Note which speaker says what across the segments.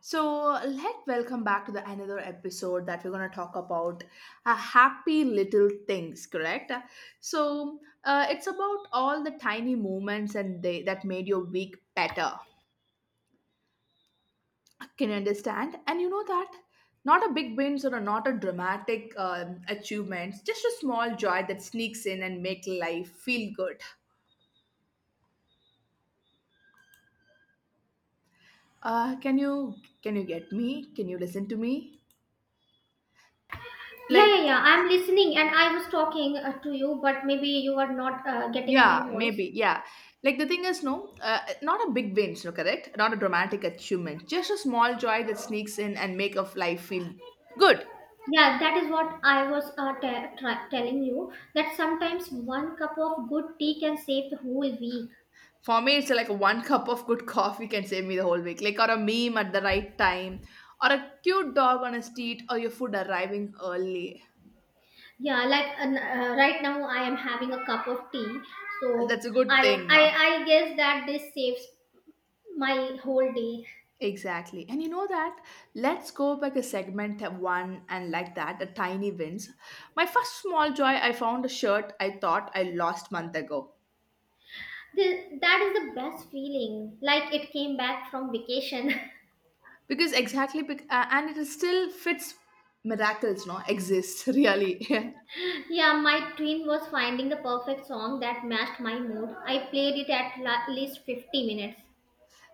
Speaker 1: So, let welcome back to the another episode that we're going to talk about happy little things, correct? So, it's about all the tiny moments and they that made your week better. Can you understand? And you know that not a big wins or a, not a dramatic achievements, just a small joy that sneaks in and make life feel good. Uh, can you can you get me? Can you listen to me?
Speaker 2: Yeah, yeah,
Speaker 1: Like
Speaker 2: yeah. I'm listening and I was talking to you, but maybe you are not getting my
Speaker 1: yeah,
Speaker 2: voice.
Speaker 1: maybe. Yeah. Like the thing is, no, not a big win, no, correct? Not a dramatic achievement. Just a small joy that sneaks in and make of life feel good.
Speaker 2: Yeah, that is what I was telling you that sometimes one cup of good tea can save the whole week.
Speaker 1: For me, it's like one cup of good coffee can save me the whole week. Like, or a meme at the right time, or a cute dog on a street, or your food arriving early.
Speaker 2: Yeah, like right now I am having a cup of tea,
Speaker 1: That's
Speaker 2: so
Speaker 1: a good
Speaker 2: I
Speaker 1: thing, no?
Speaker 2: I I guess that this saves my whole day.
Speaker 1: Exactly. And you know that? Let's go back a segment of one and like that, the tiny wins. My first small joy, I found a shirt I thought I lost month ago.
Speaker 2: That is the best feeling, like it came back from vacation.
Speaker 1: Because exactly and it is still fits, miracles no exists really.
Speaker 2: Yeah, my twin was finding the perfect song that matched my mood. I played it at least 50 minutes.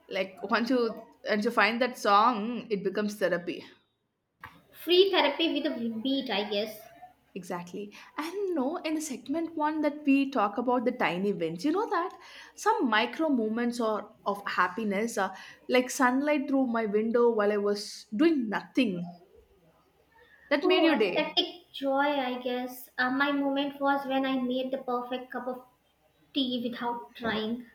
Speaker 1: Like once you find that song, it becomes therapy.
Speaker 2: Free therapy with a beat, I guess.
Speaker 1: Exactly, and no in the segment one that we talk about the tiny wins, you know that some micro moments or of happiness, like sunlight through my window while I was doing nothing, that made
Speaker 2: Oh,
Speaker 1: your day.
Speaker 2: aesthetic joy, I guess. My moment was when I made the perfect cup of tea without trying.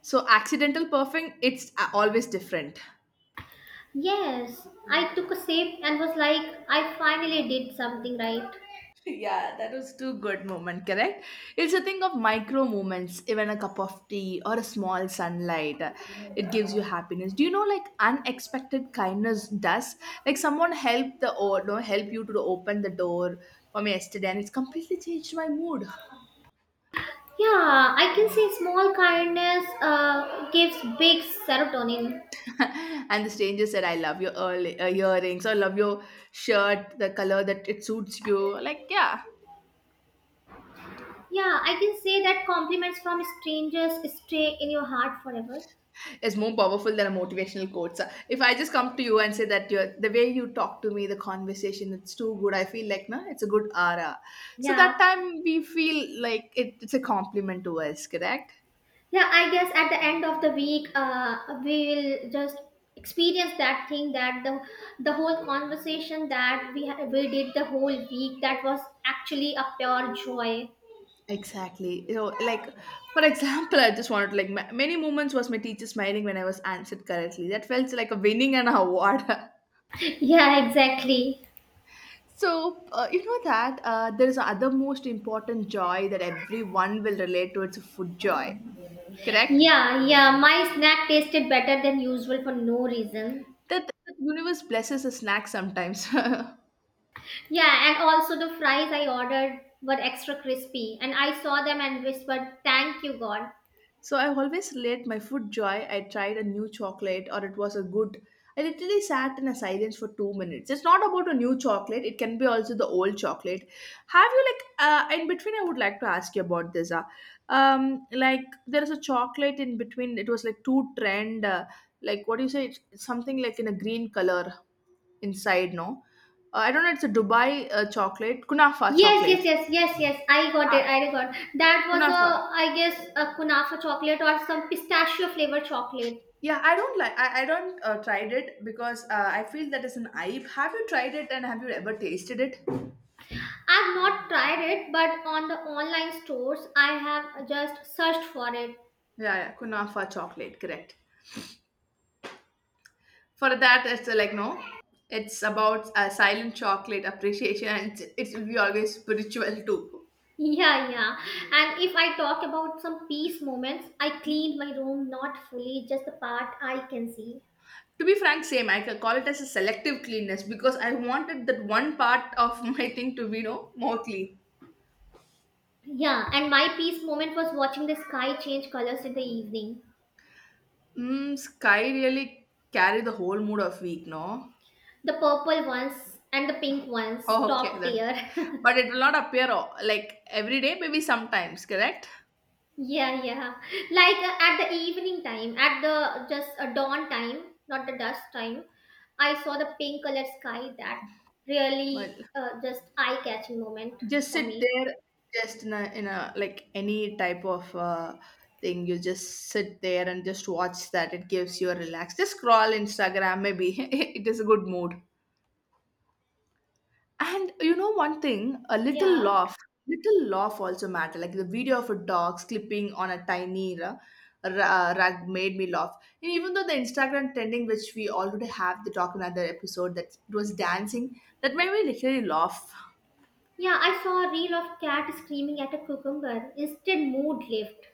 Speaker 1: So accidental perfect, it's always different.
Speaker 2: Yes, I took a sip and was like, I finally did something right.
Speaker 1: Yeah, that was too good moment, correct? It's a thing of micro moments, even a cup of tea or a small sunlight. It gives you happiness. Do you know like unexpected kindness does? Like someone helped the or no help you to open the door for me yesterday, and it's completely changed my mood.
Speaker 2: Yeah, I can say small kindness gives big serotonin.
Speaker 1: And the stranger said, I love your early, earrings or love your shirt, the color that it suits you. Like, yeah,
Speaker 2: Yeah, I can say that compliments from strangers stay in your heart forever.
Speaker 1: is more powerful than a motivational quote. So if I just come to you and say that you're, the way you talk to me, the conversation, it's too good. I feel like no, it's a good aura. So
Speaker 2: Yeah,
Speaker 1: that time we feel like it, it's a compliment to us, correct?
Speaker 2: yeah. I guess at the end of the week, we will just experience that thing that the whole conversation that we did the whole week that was actually a pure joy.
Speaker 1: Exactly. You know, like for example, I just wanted to like many moments was my teacher smiling when I was answered correctly. That felt like a winning an award.
Speaker 2: Yeah, exactly.
Speaker 1: So, you know that there is other most important joy that everyone will relate to. It's a food joy, correct?
Speaker 2: Yeah, yeah. My snack tasted better than usual for no reason.
Speaker 1: That, that universe blesses a snack sometimes.
Speaker 2: Yeah, and also the fries I ordered were extra crispy, and I saw them and whispered, "Thank you, God."
Speaker 1: So I always relate my food joy. I tried a new chocolate or it was a good. I literally sat in a silence for 2 minutes. It's not about a new chocolate. It can be also the old chocolate. Have you like in between? I would like to ask you about this. Like there is a chocolate in between. It was like two trend. Like what do you say? It's something like in a green color inside. No, I don't know. It's a Dubai chocolate, kunafa
Speaker 2: Yes, yes,
Speaker 1: chocolate.
Speaker 2: yes, yes, yes. I got
Speaker 1: Uh,
Speaker 2: it. I got that was
Speaker 1: Kunafa.
Speaker 2: a, I guess, a kunafa chocolate or some pistachio flavored chocolate.
Speaker 1: Yeah, I don't like. I don't tried it because I feel that is an aib. Have you tried it and have you ever tasted it?
Speaker 2: I've not tried it, but on the online stores, I have just searched for it.
Speaker 1: Yeah, yeah, kunafa chocolate, correct. For that, it's like no, it's about silent chocolate appreciation, and it's, it will be always spiritual too.
Speaker 2: Yeah, yeah. And if I talk about some peace moments, I cleaned my room not fully, just the part I can see.
Speaker 1: To be frank, same. I can call it as a selective cleanness because I wanted that one part of my thing to be no more clean.
Speaker 2: Yeah, and my peace moment was watching the sky change colors in the evening.
Speaker 1: Mm, sky really carry the whole mood of week, no?
Speaker 2: The purple ones and the pink ones,
Speaker 1: Oh, okay,
Speaker 2: top
Speaker 1: that,
Speaker 2: tier.
Speaker 1: but it will not appear like every day, maybe sometimes, correct?
Speaker 2: Yeah, yeah. Like at the evening time, at the just dawn time, not the dusk time, I saw the pink colored sky that really
Speaker 1: Well,
Speaker 2: just eye catching moment
Speaker 1: just
Speaker 2: for
Speaker 1: sit
Speaker 2: me.
Speaker 1: there, just in a like any type of thing. You just sit there and just watch that. It gives you a relax. Just scroll Instagram, maybe it is a good mood. And you know one thing, a
Speaker 2: Yeah.
Speaker 1: little laugh also matter. Like the video of a dog sleeping on a tiny rug made me laugh. And even though the Instagram trending, which we already have the talk in another episode that it was dancing, that made me literally laugh.
Speaker 2: Yeah, I saw a reel of cat screaming at a cucumber. Instant mood lift.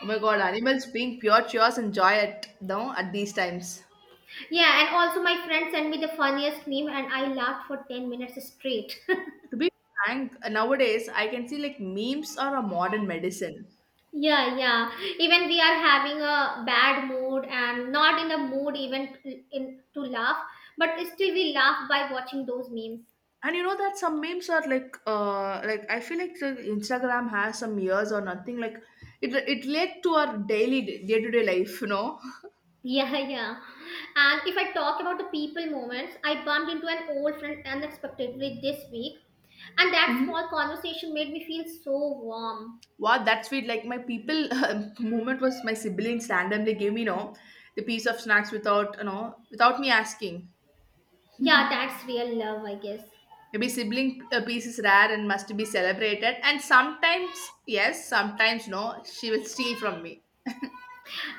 Speaker 1: Oh my god, animals being pure cheers and joy at no at these times.
Speaker 2: Yeah, and also my friend sent me the funniest meme and I laughed for 10 minutes straight.
Speaker 1: To be frank, nowadays I can see like memes are a modern medicine.
Speaker 2: Yeah, yeah. Even we are having a bad mood and not in a mood even to- in to laugh, but still we laugh by watching those memes.
Speaker 1: And you know that some memes are like I feel like the Instagram has some years or nothing. Like it led to our daily day to day life. You know,
Speaker 2: Yeah, yeah. And if I talk about the people moments, I bumped into an old friend unexpectedly this week, and that small conversation made me feel so warm.
Speaker 1: wow, that's sweet. Like my people moment was my siblings randomly gave me, you know, the piece of snacks without, you know, without me asking.
Speaker 2: Yeah, that's real love, I guess.
Speaker 1: Maybe sibling piece is rare and must be celebrated. And sometimes, yes, sometimes no, she will steal from me.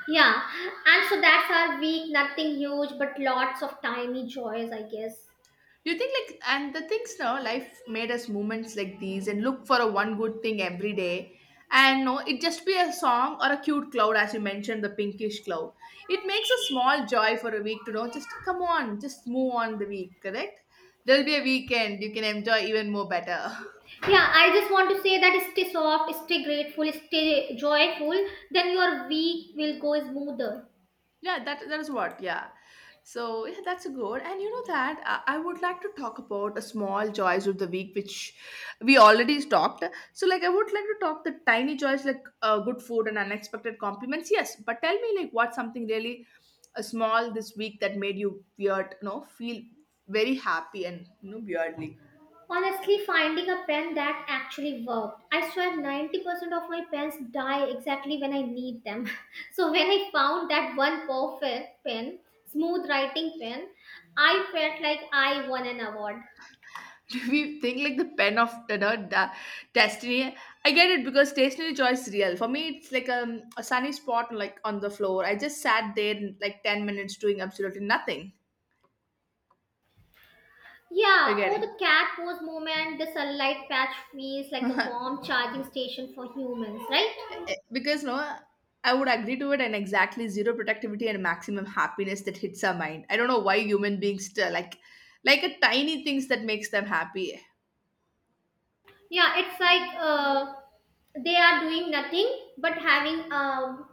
Speaker 2: Yeah, and so that's our week. Nothing huge, but lots of tiny joys, I guess.
Speaker 1: You think like and the things now life made us moments like these and look for a one good thing every day. And no, it just be a song or a cute cloud, as you mentioned, the pinkish cloud. It makes a small joy for a week to know. Just come on, just move on the week, correct? There'll be a weekend you can enjoy even more better.
Speaker 2: Yeah, I just want to say that stay soft, stay grateful, stay joyful, then your week will go smoother.
Speaker 1: Yeah, that that is what, yeah. So yeah, that's good, and you know that I would like to talk about a small joys of the week which we already talked. So like I would like to talk the tiny joys like good food and unexpected compliments, yes, but tell me like what's something really small this week that made you weird, you know, feel very happy, and you know, weirdly.
Speaker 2: Honestly, finding a pen that actually worked. I swear 90% of my pens die exactly when I need them. So when I found that one perfect pen, smooth writing pen, I felt like I won an award.
Speaker 1: We think like the pen of you know the destiny. I get it, because stationary joy is real. For me it's like a sunny spot like on the floor. I just sat there in, like 10 minutes doing absolutely nothing. I
Speaker 2: Yeah, oh,
Speaker 1: get
Speaker 2: the cat pose moment, the sunlight patch feels like a
Speaker 1: it.
Speaker 2: warm charging station for humans, right?
Speaker 1: Because no, I would agree to it, and exactly zero productivity and maximum happiness that hits our mind. I don't know why human beings still like a tiny things that makes them happy.
Speaker 2: Yeah, it's like they are doing nothing but having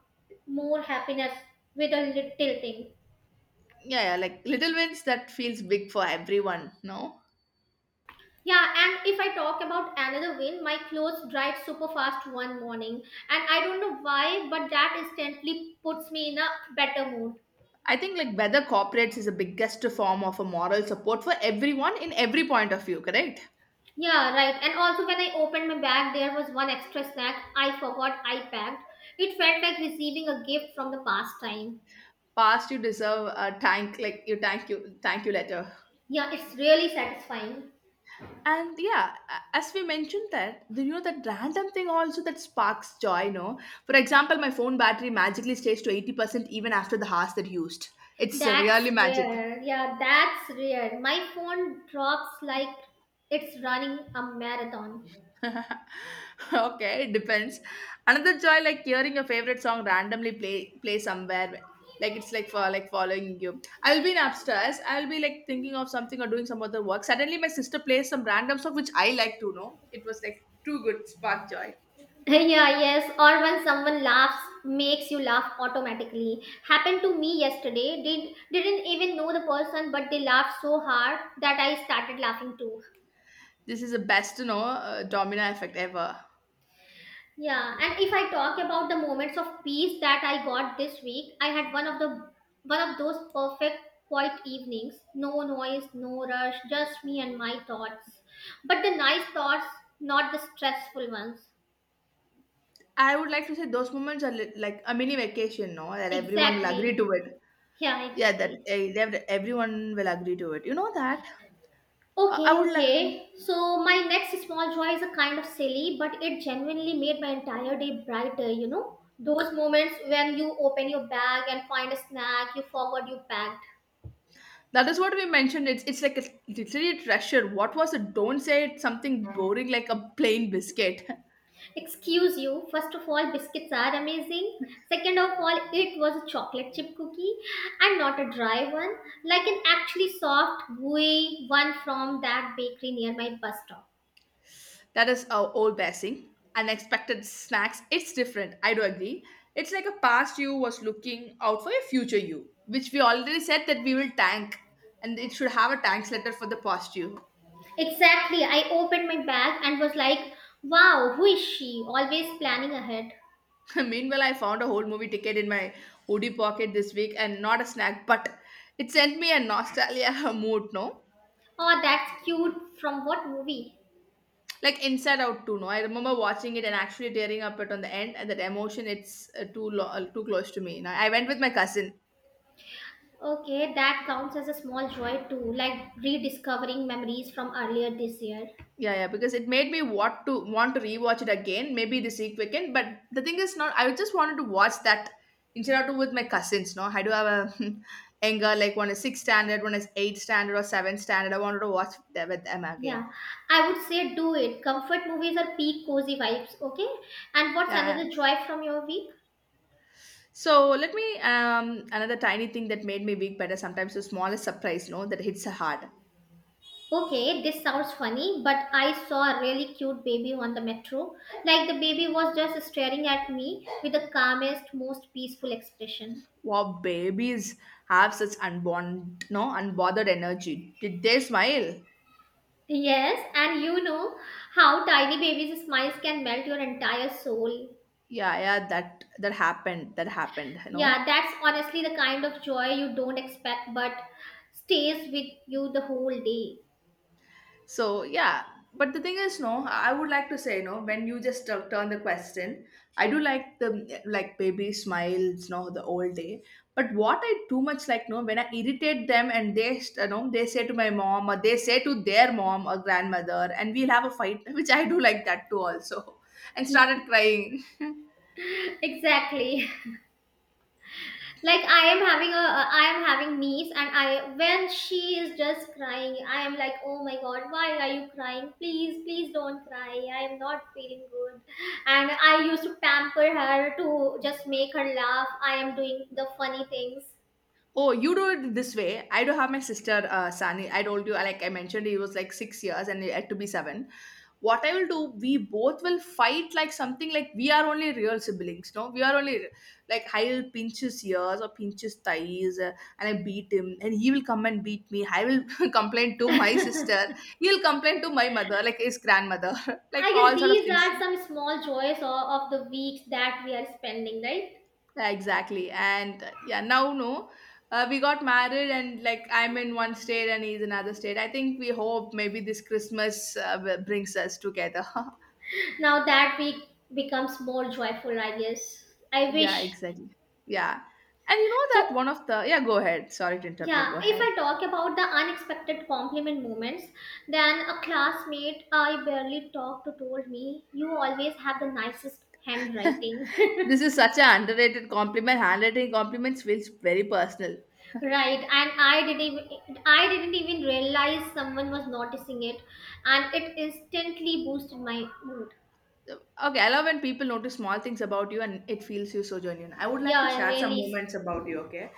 Speaker 2: more happiness with a little thing.
Speaker 1: Yeah, yeah, like little wins that feels big for everyone, no?
Speaker 2: Yeah, and if I talk about another win, my clothes dried super fast one morning, and I don't know why, but that instantly puts me in a better mood.
Speaker 1: I think like whether corporates is the biggest form of a moral support for everyone in every point of view, correct?
Speaker 2: Yeah, right, and also when I opened my bag there was one extra snack I forgot I packed. It felt like receiving a gift from the past time.
Speaker 1: Past you deserve a thank like you, thank you, thank you letter.
Speaker 2: Yeah, it's really satisfying.
Speaker 1: And yeah, as we mentioned that, do you know that random thing also that sparks joy, no? For example, my phone battery magically stays to 80% even after the hours that used. It's
Speaker 2: That's
Speaker 1: really magic.
Speaker 2: rare. Yeah, that's rare. My phone drops like it's running a marathon.
Speaker 1: Okay, it depends. Another joy, like hearing your favorite song randomly play somewhere. Like it's like for like following you. I'll be in upstairs. I'll be like thinking of something or doing some other work. Suddenly, my sister plays some random song which I like to know. It was like too good, spark joy.
Speaker 2: Yeah, yes. Or when someone laughs, makes you laugh automatically. Happened to me yesterday. Didn't even know the person, but they laughed so hard that I started laughing too.
Speaker 1: This is the best, you know, domino effect ever.
Speaker 2: Yeah, and if I talk about the moments of peace that I got this week, I had one of those perfect quiet evenings. No noise, no rush, just me and my thoughts. But the nice thoughts, not the stressful ones.
Speaker 1: I would like to say those moments are like a mini vacation, no, that everyone will agree
Speaker 2: Exactly.
Speaker 1: to it.
Speaker 2: Yeah,
Speaker 1: Yeah, that
Speaker 2: exactly.
Speaker 1: eh, that everyone will agree to it. You know that. I
Speaker 2: Okay,
Speaker 1: would like.
Speaker 2: okay. So my next small joy is a kind of silly, but it genuinely made my entire day brighter, you know? Those moments when you open your bag and find a snack you forward your bag.
Speaker 1: That is what we mentioned. It's like a, literally a treasure. What was it? Don't say it's something boring like a plain biscuit.
Speaker 2: Excuse you, first of all, biscuits are amazing. Second of all, it was a chocolate chip cookie and not a dry one, like an actually soft, gooey one from that bakery near my bus stop.
Speaker 1: That is our old basing. Unexpected snacks. It's different. I do agree. It's like a past you was looking out for a future you, which we already said that we will tank, and it should have a thanks letter for the past you.
Speaker 2: Exactly, I opened my bag and was like, wow, who is she? Always planning ahead.
Speaker 1: Meanwhile, I found a whole movie ticket in my hoodie pocket this week, and not a snack, but it sent me a nostalgia mood. No.
Speaker 2: Oh, that's cute. From what movie?
Speaker 1: Like Inside Out too. No, I remember watching it and actually tearing up it on the end, and that emotion it's too close to me. Now I went with my cousin.
Speaker 2: Okay, that counts as a small joy too, like rediscovering memories from earlier this year.
Speaker 1: Yeah, yeah, because it made me want to rewatch it again, maybe this week weekend. But the thing is, not I just wanted to watch that Inside Out with my cousins. No, I do have a anger like one is six standard, one is eight standard or seven standard. I wanted to watch that with them again.
Speaker 2: Yeah, I would say do it. Comfort movies are peak cozy vibes, okay? And what's
Speaker 1: Yeah.
Speaker 2: another joy from your week?
Speaker 1: So let me another tiny thing that made me weak better, sometimes the smallest surprise, no, that hits hard.
Speaker 2: Okay, this sounds funny, but I saw a really cute baby on the metro. Like the baby was just staring at me with the calmest, most peaceful expression.
Speaker 1: Wow, babies have such unborn, no, unbothered energy. Did they smile?
Speaker 2: Yes, and you know how tiny babies' smiles can melt your entire soul.
Speaker 1: Yeah, yeah, that that happened. That happened. You know.
Speaker 2: Yeah, that's honestly the kind of joy you don't expect but stays with you the whole day.
Speaker 1: So yeah, but the thing is, no, I would like to say, no, when you just turn the question, I do like the like baby smiles, no, the old day. But what I too much like, no, when I irritate them and they say to my mom or they say to their mom or grandmother, and we'll have a fight, which I do like that too also, and started crying.
Speaker 2: Exactly. Like I am having a, I am having niece, and I when she is just crying I am like, oh my god, why are you crying, please please don't cry, I am not feeling good, and I used to pamper her to just make her laugh, I am doing the funny things.
Speaker 1: Oh, you do it this way. I do have my sister, Sani. I told you, like I mentioned, he was like 6 years and he had to be 7. What I will do, we both will fight like something like we are only real siblings, no? We are only like I will pinch his ears or pinch his thighs and I beat him and he will come and beat me. I will complain to my sister.
Speaker 2: I
Speaker 1: He'll complain to my mother, like his grandmother, like
Speaker 2: guess
Speaker 1: all sort of
Speaker 2: these
Speaker 1: things.
Speaker 2: are some small joys of the weeks that we are spending right
Speaker 1: Yeah, exactly. And yeah, now no, we got married, and like I'm in one state and he's in another state. I think we hope maybe this Christmas brings us together.
Speaker 2: now. That week becomes more joyful, I guess. I
Speaker 1: yeah,
Speaker 2: wish.
Speaker 1: exactly. Yeah, and you know that
Speaker 2: So
Speaker 1: one of the yeah. Go ahead. Sorry to interrupt you. Go
Speaker 2: yeah, if
Speaker 1: ahead.
Speaker 2: I talk about the unexpected compliment moments, then a classmate I barely talked to told me, "You always have the nicest handwriting."
Speaker 1: This is such an underrated compliment. Handwriting compliments feels very personal.
Speaker 2: Right, and I didn't even realize someone was noticing it, and it instantly boosted my mood.
Speaker 1: Okay, I love when people notice small things about you and it feels you so genuine. I would like to
Speaker 2: Yeah,
Speaker 1: share some
Speaker 2: really.
Speaker 1: moments about you, okay?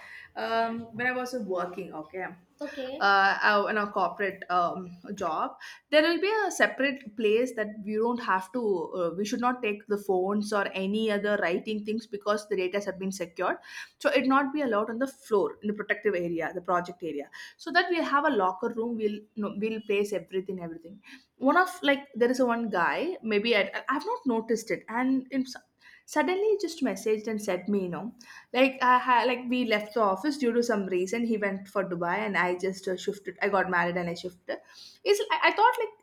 Speaker 2: Yeah.
Speaker 1: When I was working, okay,
Speaker 2: Okay.
Speaker 1: in a corporate job, there will be a separate place that we don't have to, we should not take the phones or any other writing things because the data have been secured. So it not be allowed on the floor in the protective area, the project area, so that we have a locker room. We'll no, we'll place everything, everything one of like there is a one guy maybe I've not noticed it and suddenly he just messaged and said me like like we left the office due to some reason he went for Dubai and I just shifted, I got married and I shifted is I thought like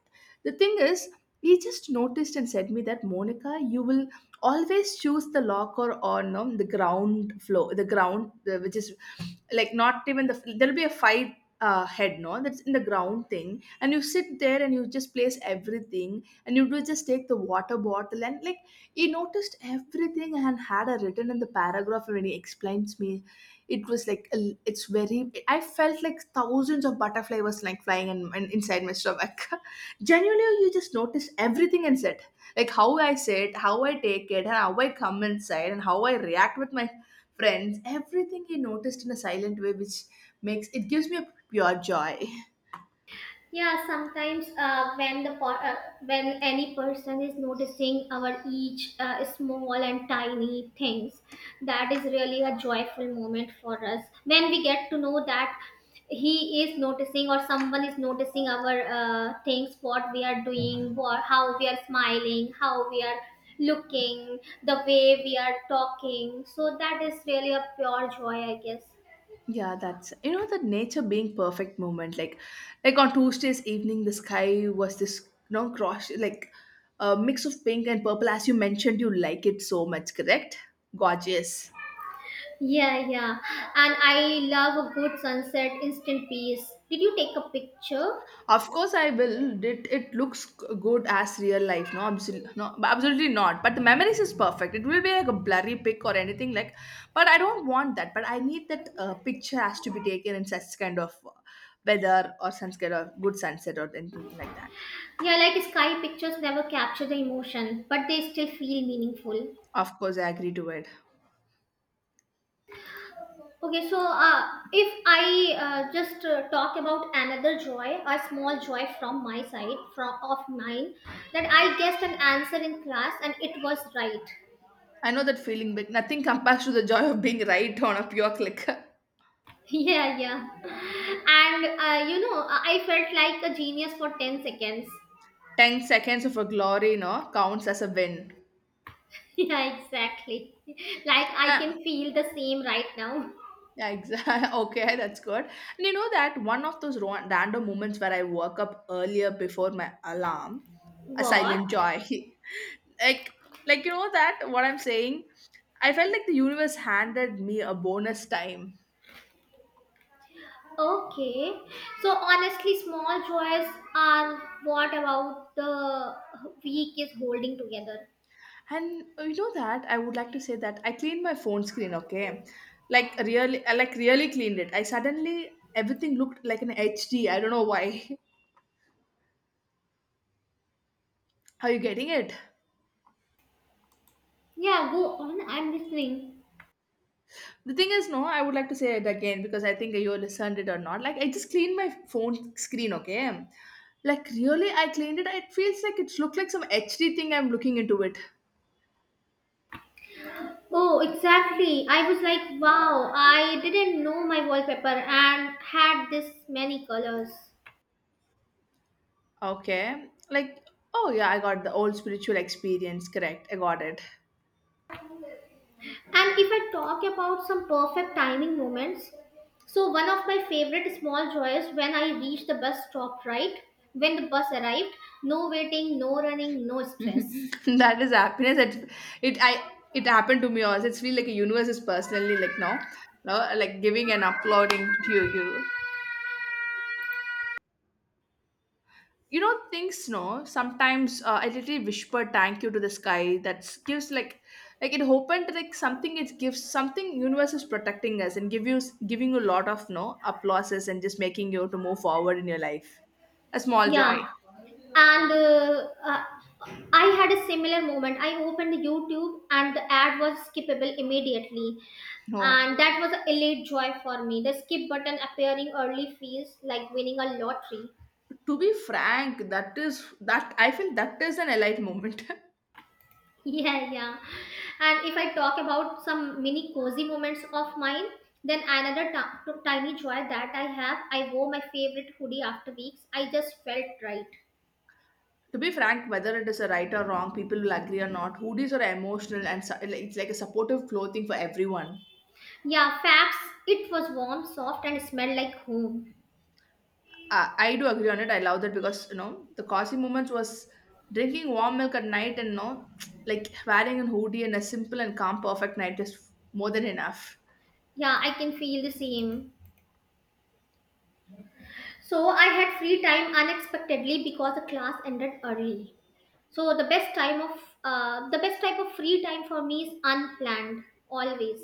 Speaker 1: the thing is he just noticed and said me that Monica you will always choose the locker on the ground floor the ground which is like not even the there'll be a five head no that's in the ground thing and you sit there and you just place everything and you do just take the water bottle and like he noticed everything and had a written in the paragraph when he explains me it was like a, it's very I felt like thousands of butterfly was like flying inside my stomach. Genuinely you just noticed everything and said like how I sit how I take it and how I come inside and how I react with my friends everything he noticed in a silent way which makes it gives me a pure joy.
Speaker 2: Yeah, sometimes when any person is noticing our each small and tiny things, that is really a joyful moment for us. When we get to know that he is noticing or someone is noticing our things, what we are doing, what, how we are smiling, how we are looking, the way we are talking. So that is really a pure joy, I guess.
Speaker 1: Yeah, that's you know the nature being perfect moment. Like on Tuesday's evening, the sky was this you know cross like a mix of pink and purple. As you mentioned, you like it so much, correct? Gorgeous.
Speaker 2: Yeah, yeah. And I love a good sunset, instant peace. Did you take a picture?
Speaker 1: Of course, I will. It looks good as real life. No, absolutely, no, absolutely not. But the memories is perfect. It will be like a blurry pic or anything like. But I don't want that. But I need that picture has to be taken in such kind of weather or such kind of good sunset or anything like that.
Speaker 2: Yeah, like sky pictures never capture the emotion, but they still feel meaningful.
Speaker 1: Of course, I agree to it.
Speaker 2: Okay, so if I just talk about another joy, a small joy from my side, from of mine, that I guessed an answer in class and it was right.
Speaker 1: I know that feeling, but nothing compares to the joy of being right on a pure click.
Speaker 2: Yeah, yeah. And you know, I felt like a genius for 10 seconds.
Speaker 1: 10 seconds of a glory, no, counts as a win.
Speaker 2: Yeah, exactly. Like I
Speaker 1: Ah,
Speaker 2: can feel the same right now.
Speaker 1: yeah, exactly. Okay, that's good. And you know that one of those random moments where I woke up earlier before my alarm, a
Speaker 2: What?
Speaker 1: silent joy. like, like you know that what I'm saying? I felt like the universe handed me a bonus time.
Speaker 2: Okay. So honestly, small joys are what about the week is holding together.
Speaker 1: And you know that I would like to say that I cleaned my phone screen, okay? Like really I like really cleaned it. I suddenly everything looked like an HD. I don't know why. Are you getting it?
Speaker 2: Yeah, go on. I'm listening.
Speaker 1: The thing is, no, I would like to say it again because I think you listened it or not. Like I just cleaned my phone screen, okay? Like really I cleaned it. It feels like it looked like some HD thing I'm looking into it.
Speaker 2: Oh, exactly. I was like, wow, I didn't know my wallpaper and had this many colors.
Speaker 1: Okay. Like, oh yeah, I got the old spiritual experience, correct. I got it.
Speaker 2: And if I talk about some perfect timing moments, so one of my favorite small joys when I reached the bus stop right when the bus arrived, no waiting, no running, no stress.
Speaker 1: That is happiness. It I it happened to me also. It's feel like a universe is personally like now, no, no, like giving and uploading to you. You know things no. Sometimes I literally whisper thank you to the sky. That gives like it opened like something. It gives something. Universe is protecting us and give you giving you a lot of no applauses and just making you to move forward in your life. A small
Speaker 2: Yeah,
Speaker 1: joy.
Speaker 2: and I had a similar moment. I opened YouTube and the ad was skippable immediately,
Speaker 1: No,
Speaker 2: and that was a elite joy for me. The skip button appearing early feels like winning a lottery.
Speaker 1: to be frank, that is that I feel that is an elite moment.
Speaker 2: Yeah, yeah. And if I talk about some mini cozy moments of mine, then another tiny joy that I have, I wore my favorite hoodie after weeks. I just felt right.
Speaker 1: To be frank, whether it is a right or wrong, people will agree or not. Hoodies are emotional and it's like a supportive clothing for everyone.
Speaker 2: Yeah, facts. It was warm, soft, and smelled like home.
Speaker 1: I do agree on it. I love that because you know the Kasi moments was drinking warm milk at night and you know like wearing a hoodie and a simple and calm perfect night is more than enough.
Speaker 2: Yeah, I can feel the same. So I had free time unexpectedly because the class ended early. So the best type of free time for me is unplanned, always.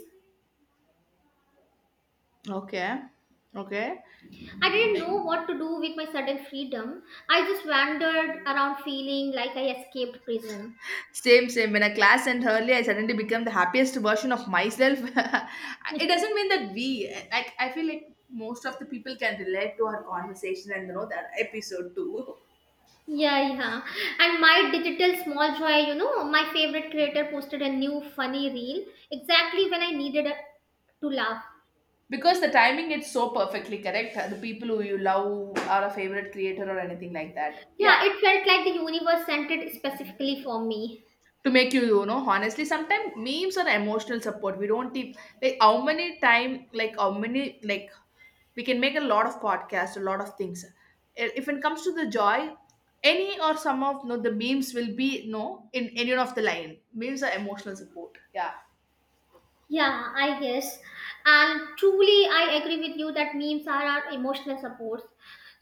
Speaker 1: Okay, okay.
Speaker 2: I didn't know what to do with my sudden freedom. I just wandered around feeling like I escaped prison.
Speaker 1: Same, same. When I class and early, I suddenly become the happiest version of myself. It doesn't mean that we, like, I feel like most of the people can relate to our conversation and you know that episode too.
Speaker 2: Yeah, yeah. And my digital small joy, you know, my favorite creator posted a new funny reel exactly when I needed to laugh.
Speaker 1: Because the timing is so perfectly correct. The people who you love are a favorite creator or anything like that.
Speaker 2: Yeah,
Speaker 1: Yeah.
Speaker 2: it felt like the universe sent it specifically for me.
Speaker 1: To make you you know honestly sometimes memes are emotional support we don't even like how many time like how many like we can make a lot of podcasts a lot of things if it comes to the joy any or some of no the memes will be no in any of the line memes are emotional support yeah.
Speaker 2: Yeah, I guess. And truly, I agree with you that memes are our emotional supports.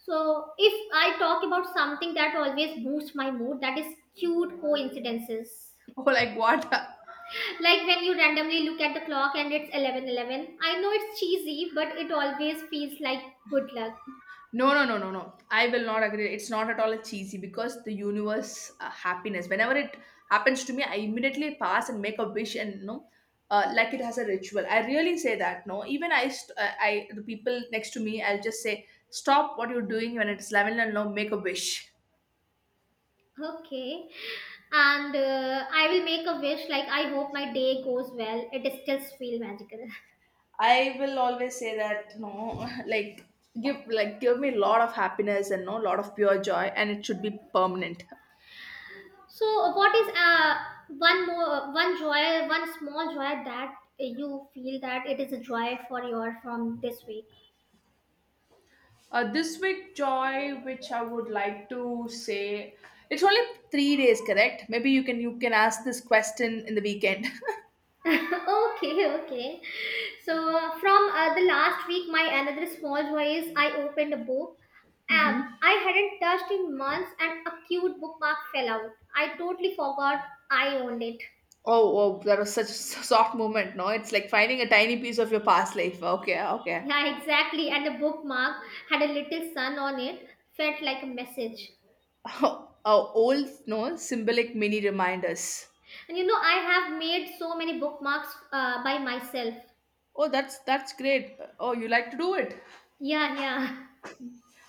Speaker 2: So, if I talk about something that always boosts my mood, that is cute coincidences.
Speaker 1: Oh like what.
Speaker 2: Like when you randomly look at the clock and it's 11:11. I know it's cheesy, but it always feels like good luck.
Speaker 1: No, no, no, no, no. I will not agree. It's not at all a cheesy because the universe happiness. Whenever it happens to me, I immediately pass and make a wish and you know, like it has a ritual. I really say that. No, even I the people next to me, I'll just say stop what you're doing when it's 11 and now make a wish.
Speaker 2: Okay. And I will make a wish like, I hope my day goes well. It is still feel magical.
Speaker 1: I will always say that no, like give me a lot of happiness and no lot of pure joy, and it should be permanent.
Speaker 2: So, what is one joy, one small joy that you feel that it is a joy for your from this week?
Speaker 1: This week, Joy, which I would like to say, it's only 3 days, correct? Maybe you can ask this question in the weekend.
Speaker 2: Okay, okay. So, from the last week, my another small joy is I opened a book.
Speaker 1: hmm.
Speaker 2: I hadn't touched in months, and a cute bookmark fell out. I totally forgot I owned it.
Speaker 1: Oh, that was such a soft moment. No, it's like finding a tiny piece of your past life. Okay, okay.
Speaker 2: Yeah, exactly. And the bookmark had a little sun on it. Felt like a message.
Speaker 1: Oh, old, no, symbolic mini reminders.
Speaker 2: And you know, I have made so many bookmarks by myself.
Speaker 1: Oh, that's great. Oh, you like to do it?
Speaker 2: Yeah, yeah.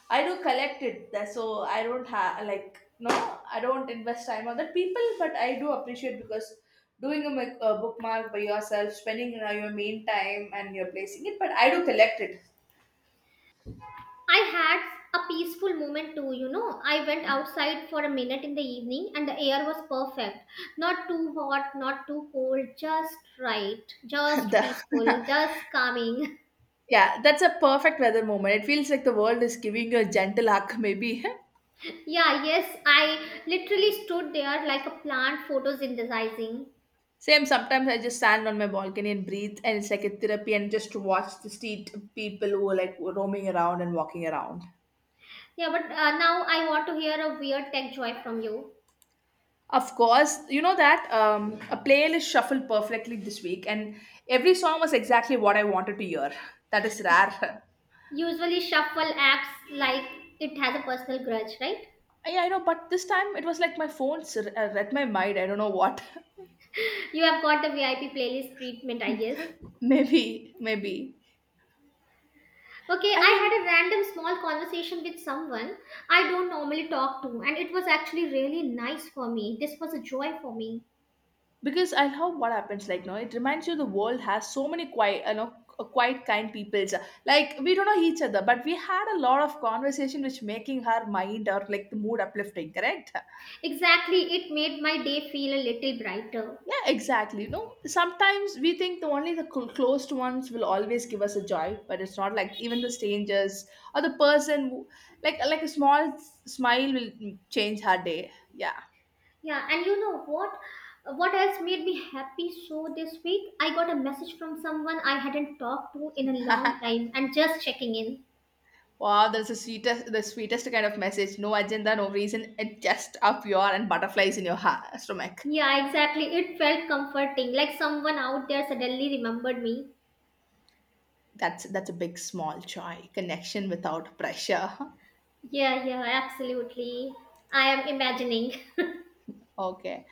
Speaker 1: I do collect it, so I don't have like no, I don't invest time on that people, but I do appreciate because doing a bookmark by yourself, spending your main time, and you're placing it. But I do collect it.
Speaker 2: I had a peaceful moment too, you know. I went outside for a minute in the evening and the air was perfect. Not too hot, not too cold, just right. Just peaceful,
Speaker 1: the,
Speaker 2: just calming.
Speaker 1: yeah, that's a perfect weather moment. It feels like the world is giving you a gentle hug, maybe.
Speaker 2: Yeah, yes, I literally stood there like a plant photosynthesizing.
Speaker 1: Same. Sometimes I just stand on my balcony and breathe, and it's like a therapy, and just to watch the street people who are like roaming around and walking around.
Speaker 2: Yeah, but now I want to hear a weird tech joy from you.
Speaker 1: Of course, you know that a playlist shuffled perfectly this week, and every song was exactly what I wanted to hear. That is rare.
Speaker 2: Usually, shuffle apps like it has a personal grudge, right?
Speaker 1: Yeah, I know, but this time it was like my phone read my mind. I don't know what.
Speaker 2: You have got the VIP playlist treatment, I guess.
Speaker 1: maybe, maybe.
Speaker 2: Okay, I
Speaker 1: And you,
Speaker 2: had a random small conversation with someone I don't normally talk to, and it was actually really nice for me. This was a joy for me.
Speaker 1: because I love what happens. Like, no, it reminds you the world has so many quiet, quite kind people. Like we don't know each other, but we had a lot of conversation, which making her mind or like the mood uplifting. Correct?
Speaker 2: Exactly, it made my day feel a little brighter.
Speaker 1: Yeah, exactly. No, sometimes we think the only the closed ones will always give us a joy, but it's not like even the strangers or the person, who, like a small smile will change her day. Yeah.
Speaker 2: Yeah, and you know what? What else made me happy so this week? I got a message from someone I hadn't talked to in a long time and just checking in.
Speaker 1: Wow, that's the sweetest kind of message. No agenda, no reason. It just up your and butterflies in your stomach.
Speaker 2: Yeah, exactly. It felt comforting, like someone out there suddenly remembered me.
Speaker 1: That's a big small joy. Connection without pressure.
Speaker 2: Yeah, yeah, absolutely. I am imagining.
Speaker 1: Okay.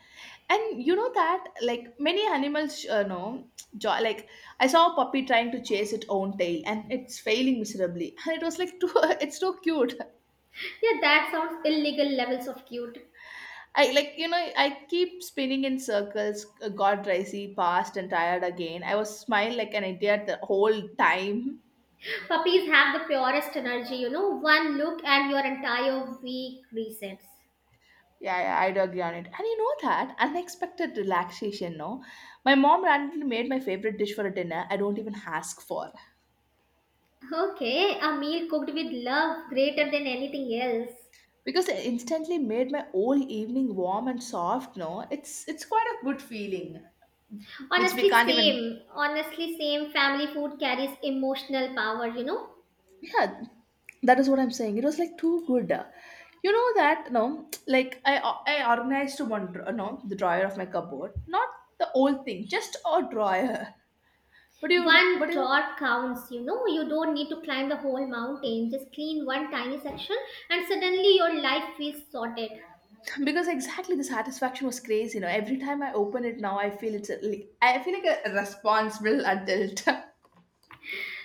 Speaker 1: And you know that, like many animals, know, joy. Like I saw a puppy trying to chase its own tail, and it's failing miserably. And it was like, too, it's too cute.
Speaker 2: Yeah, that sounds illegal levels of cute.
Speaker 1: I like, you know, I keep spinning in circles. Got dicey, passed, and tired again. I was smiling like an idiot the whole time.
Speaker 2: Puppies have the purest energy, you know, one look and your entire week resets.
Speaker 1: Yeah, yeah, I do agree on it. And you know that unexpected relaxation, no? My mom randomly made my favorite dish for a dinner I don't even ask for,
Speaker 2: Okay, a meal cooked with love greater than anything else.
Speaker 1: because it instantly made my whole evening warm and soft. No, it's quite a good feeling which we
Speaker 2: Honestly,
Speaker 1: can't even.
Speaker 2: same. Honestly, same. Family food carries emotional power, you know.
Speaker 1: Yeah, that is what I'm saying, it was like too good. You know that, no, like I organized to no, the drawer of my cupboard, not the whole thing, just a drawer. but you but
Speaker 2: One
Speaker 1: you
Speaker 2: draught counts, you know. You don't need to climb the whole mountain. Just clean one tiny section, and suddenly your life feels sorted.
Speaker 1: because exactly, the satisfaction was crazy. You know, every time I open it now, I feel it's a, like I feel like a responsible adult.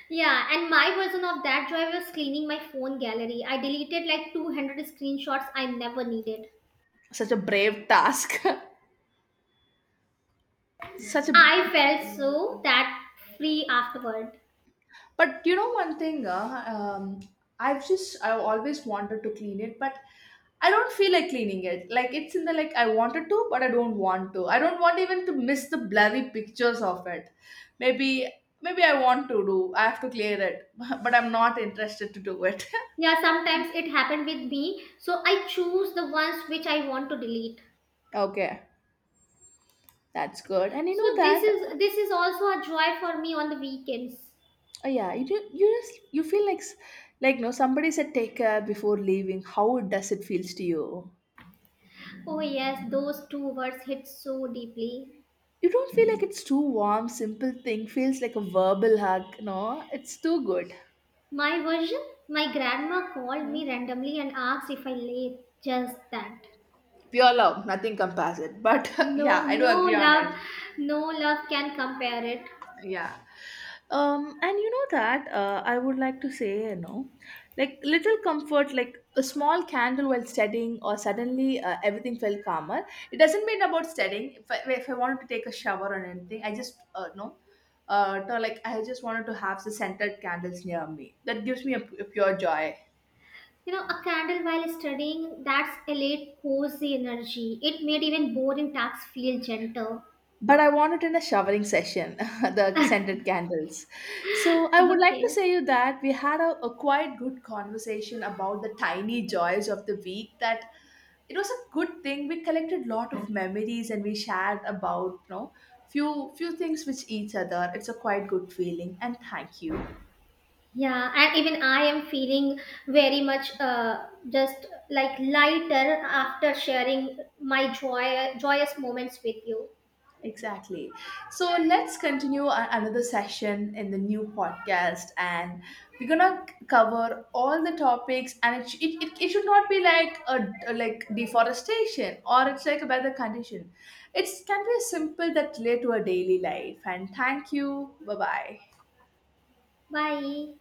Speaker 2: Yeah, and my version of that joy was cleaning my phone gallery. I deleted like 200 screenshots I never needed.
Speaker 1: Such a brave task. Such a.
Speaker 2: I felt so that free afterward.
Speaker 1: But you know one thing, I've always wanted to clean it, but I don't feel like cleaning it. Like it's in the, like I wanted to, but I don't want to. I don't want even to miss the blurry pictures of it. Maybe, maybe I want to do. I have to clear it, but I'm not interested to do it.
Speaker 2: Yeah, sometimes it happened with me, so I choose the ones which I want to delete.
Speaker 1: Okay, that's good. And you
Speaker 2: So
Speaker 1: know
Speaker 2: this is
Speaker 1: that,
Speaker 2: this is also a joy for me on the weekends.
Speaker 1: yeah, you just you feel like like, no, somebody said take care before leaving. How it does it feels to you?
Speaker 2: Oh yes, those two words hit so deeply.
Speaker 1: You don't feel like it's too warm, simple thing feels like a verbal hug. No, it's too good.
Speaker 2: My version, my grandma called
Speaker 1: Mm.
Speaker 2: me randomly and asked if I late. Just that.
Speaker 1: Pure love, nothing compares it. But
Speaker 2: No,
Speaker 1: yeah, I do agree on it.
Speaker 2: no love can compare it.
Speaker 1: Yeah. And you know that I would like to say, you know, like little comfort, like a small candle while studying, or suddenly everything felt calmer. It doesn't mean about studying. If I wanted to take a shower or anything, I just no, like I just wanted to have the scented candles near me. That gives me a, a pure joy.
Speaker 2: You know, a candle while studying, that's elate cozy energy. It made even boring tasks feel gentle.
Speaker 1: But I want it in a showering session, the scented candles. So I would like to
Speaker 2: Okay.
Speaker 1: say you that we had a quite good conversation about the tiny joys of the week. That it was a good thing. We collected lot of memories and we shared about, you know, few things with each other. It's a quite good feeling. And thank you.
Speaker 2: Yeah, and even I am feeling very much just like lighter after sharing my joyous moments with you.
Speaker 1: Exactly. So let's continue another session in the new podcast, and we're gonna cover all the topics. And it, sh- it should not be like a like deforestation or it's like a weather condition. It can be simple that relate to our daily life. And thank you. Bye bye.
Speaker 2: Bye.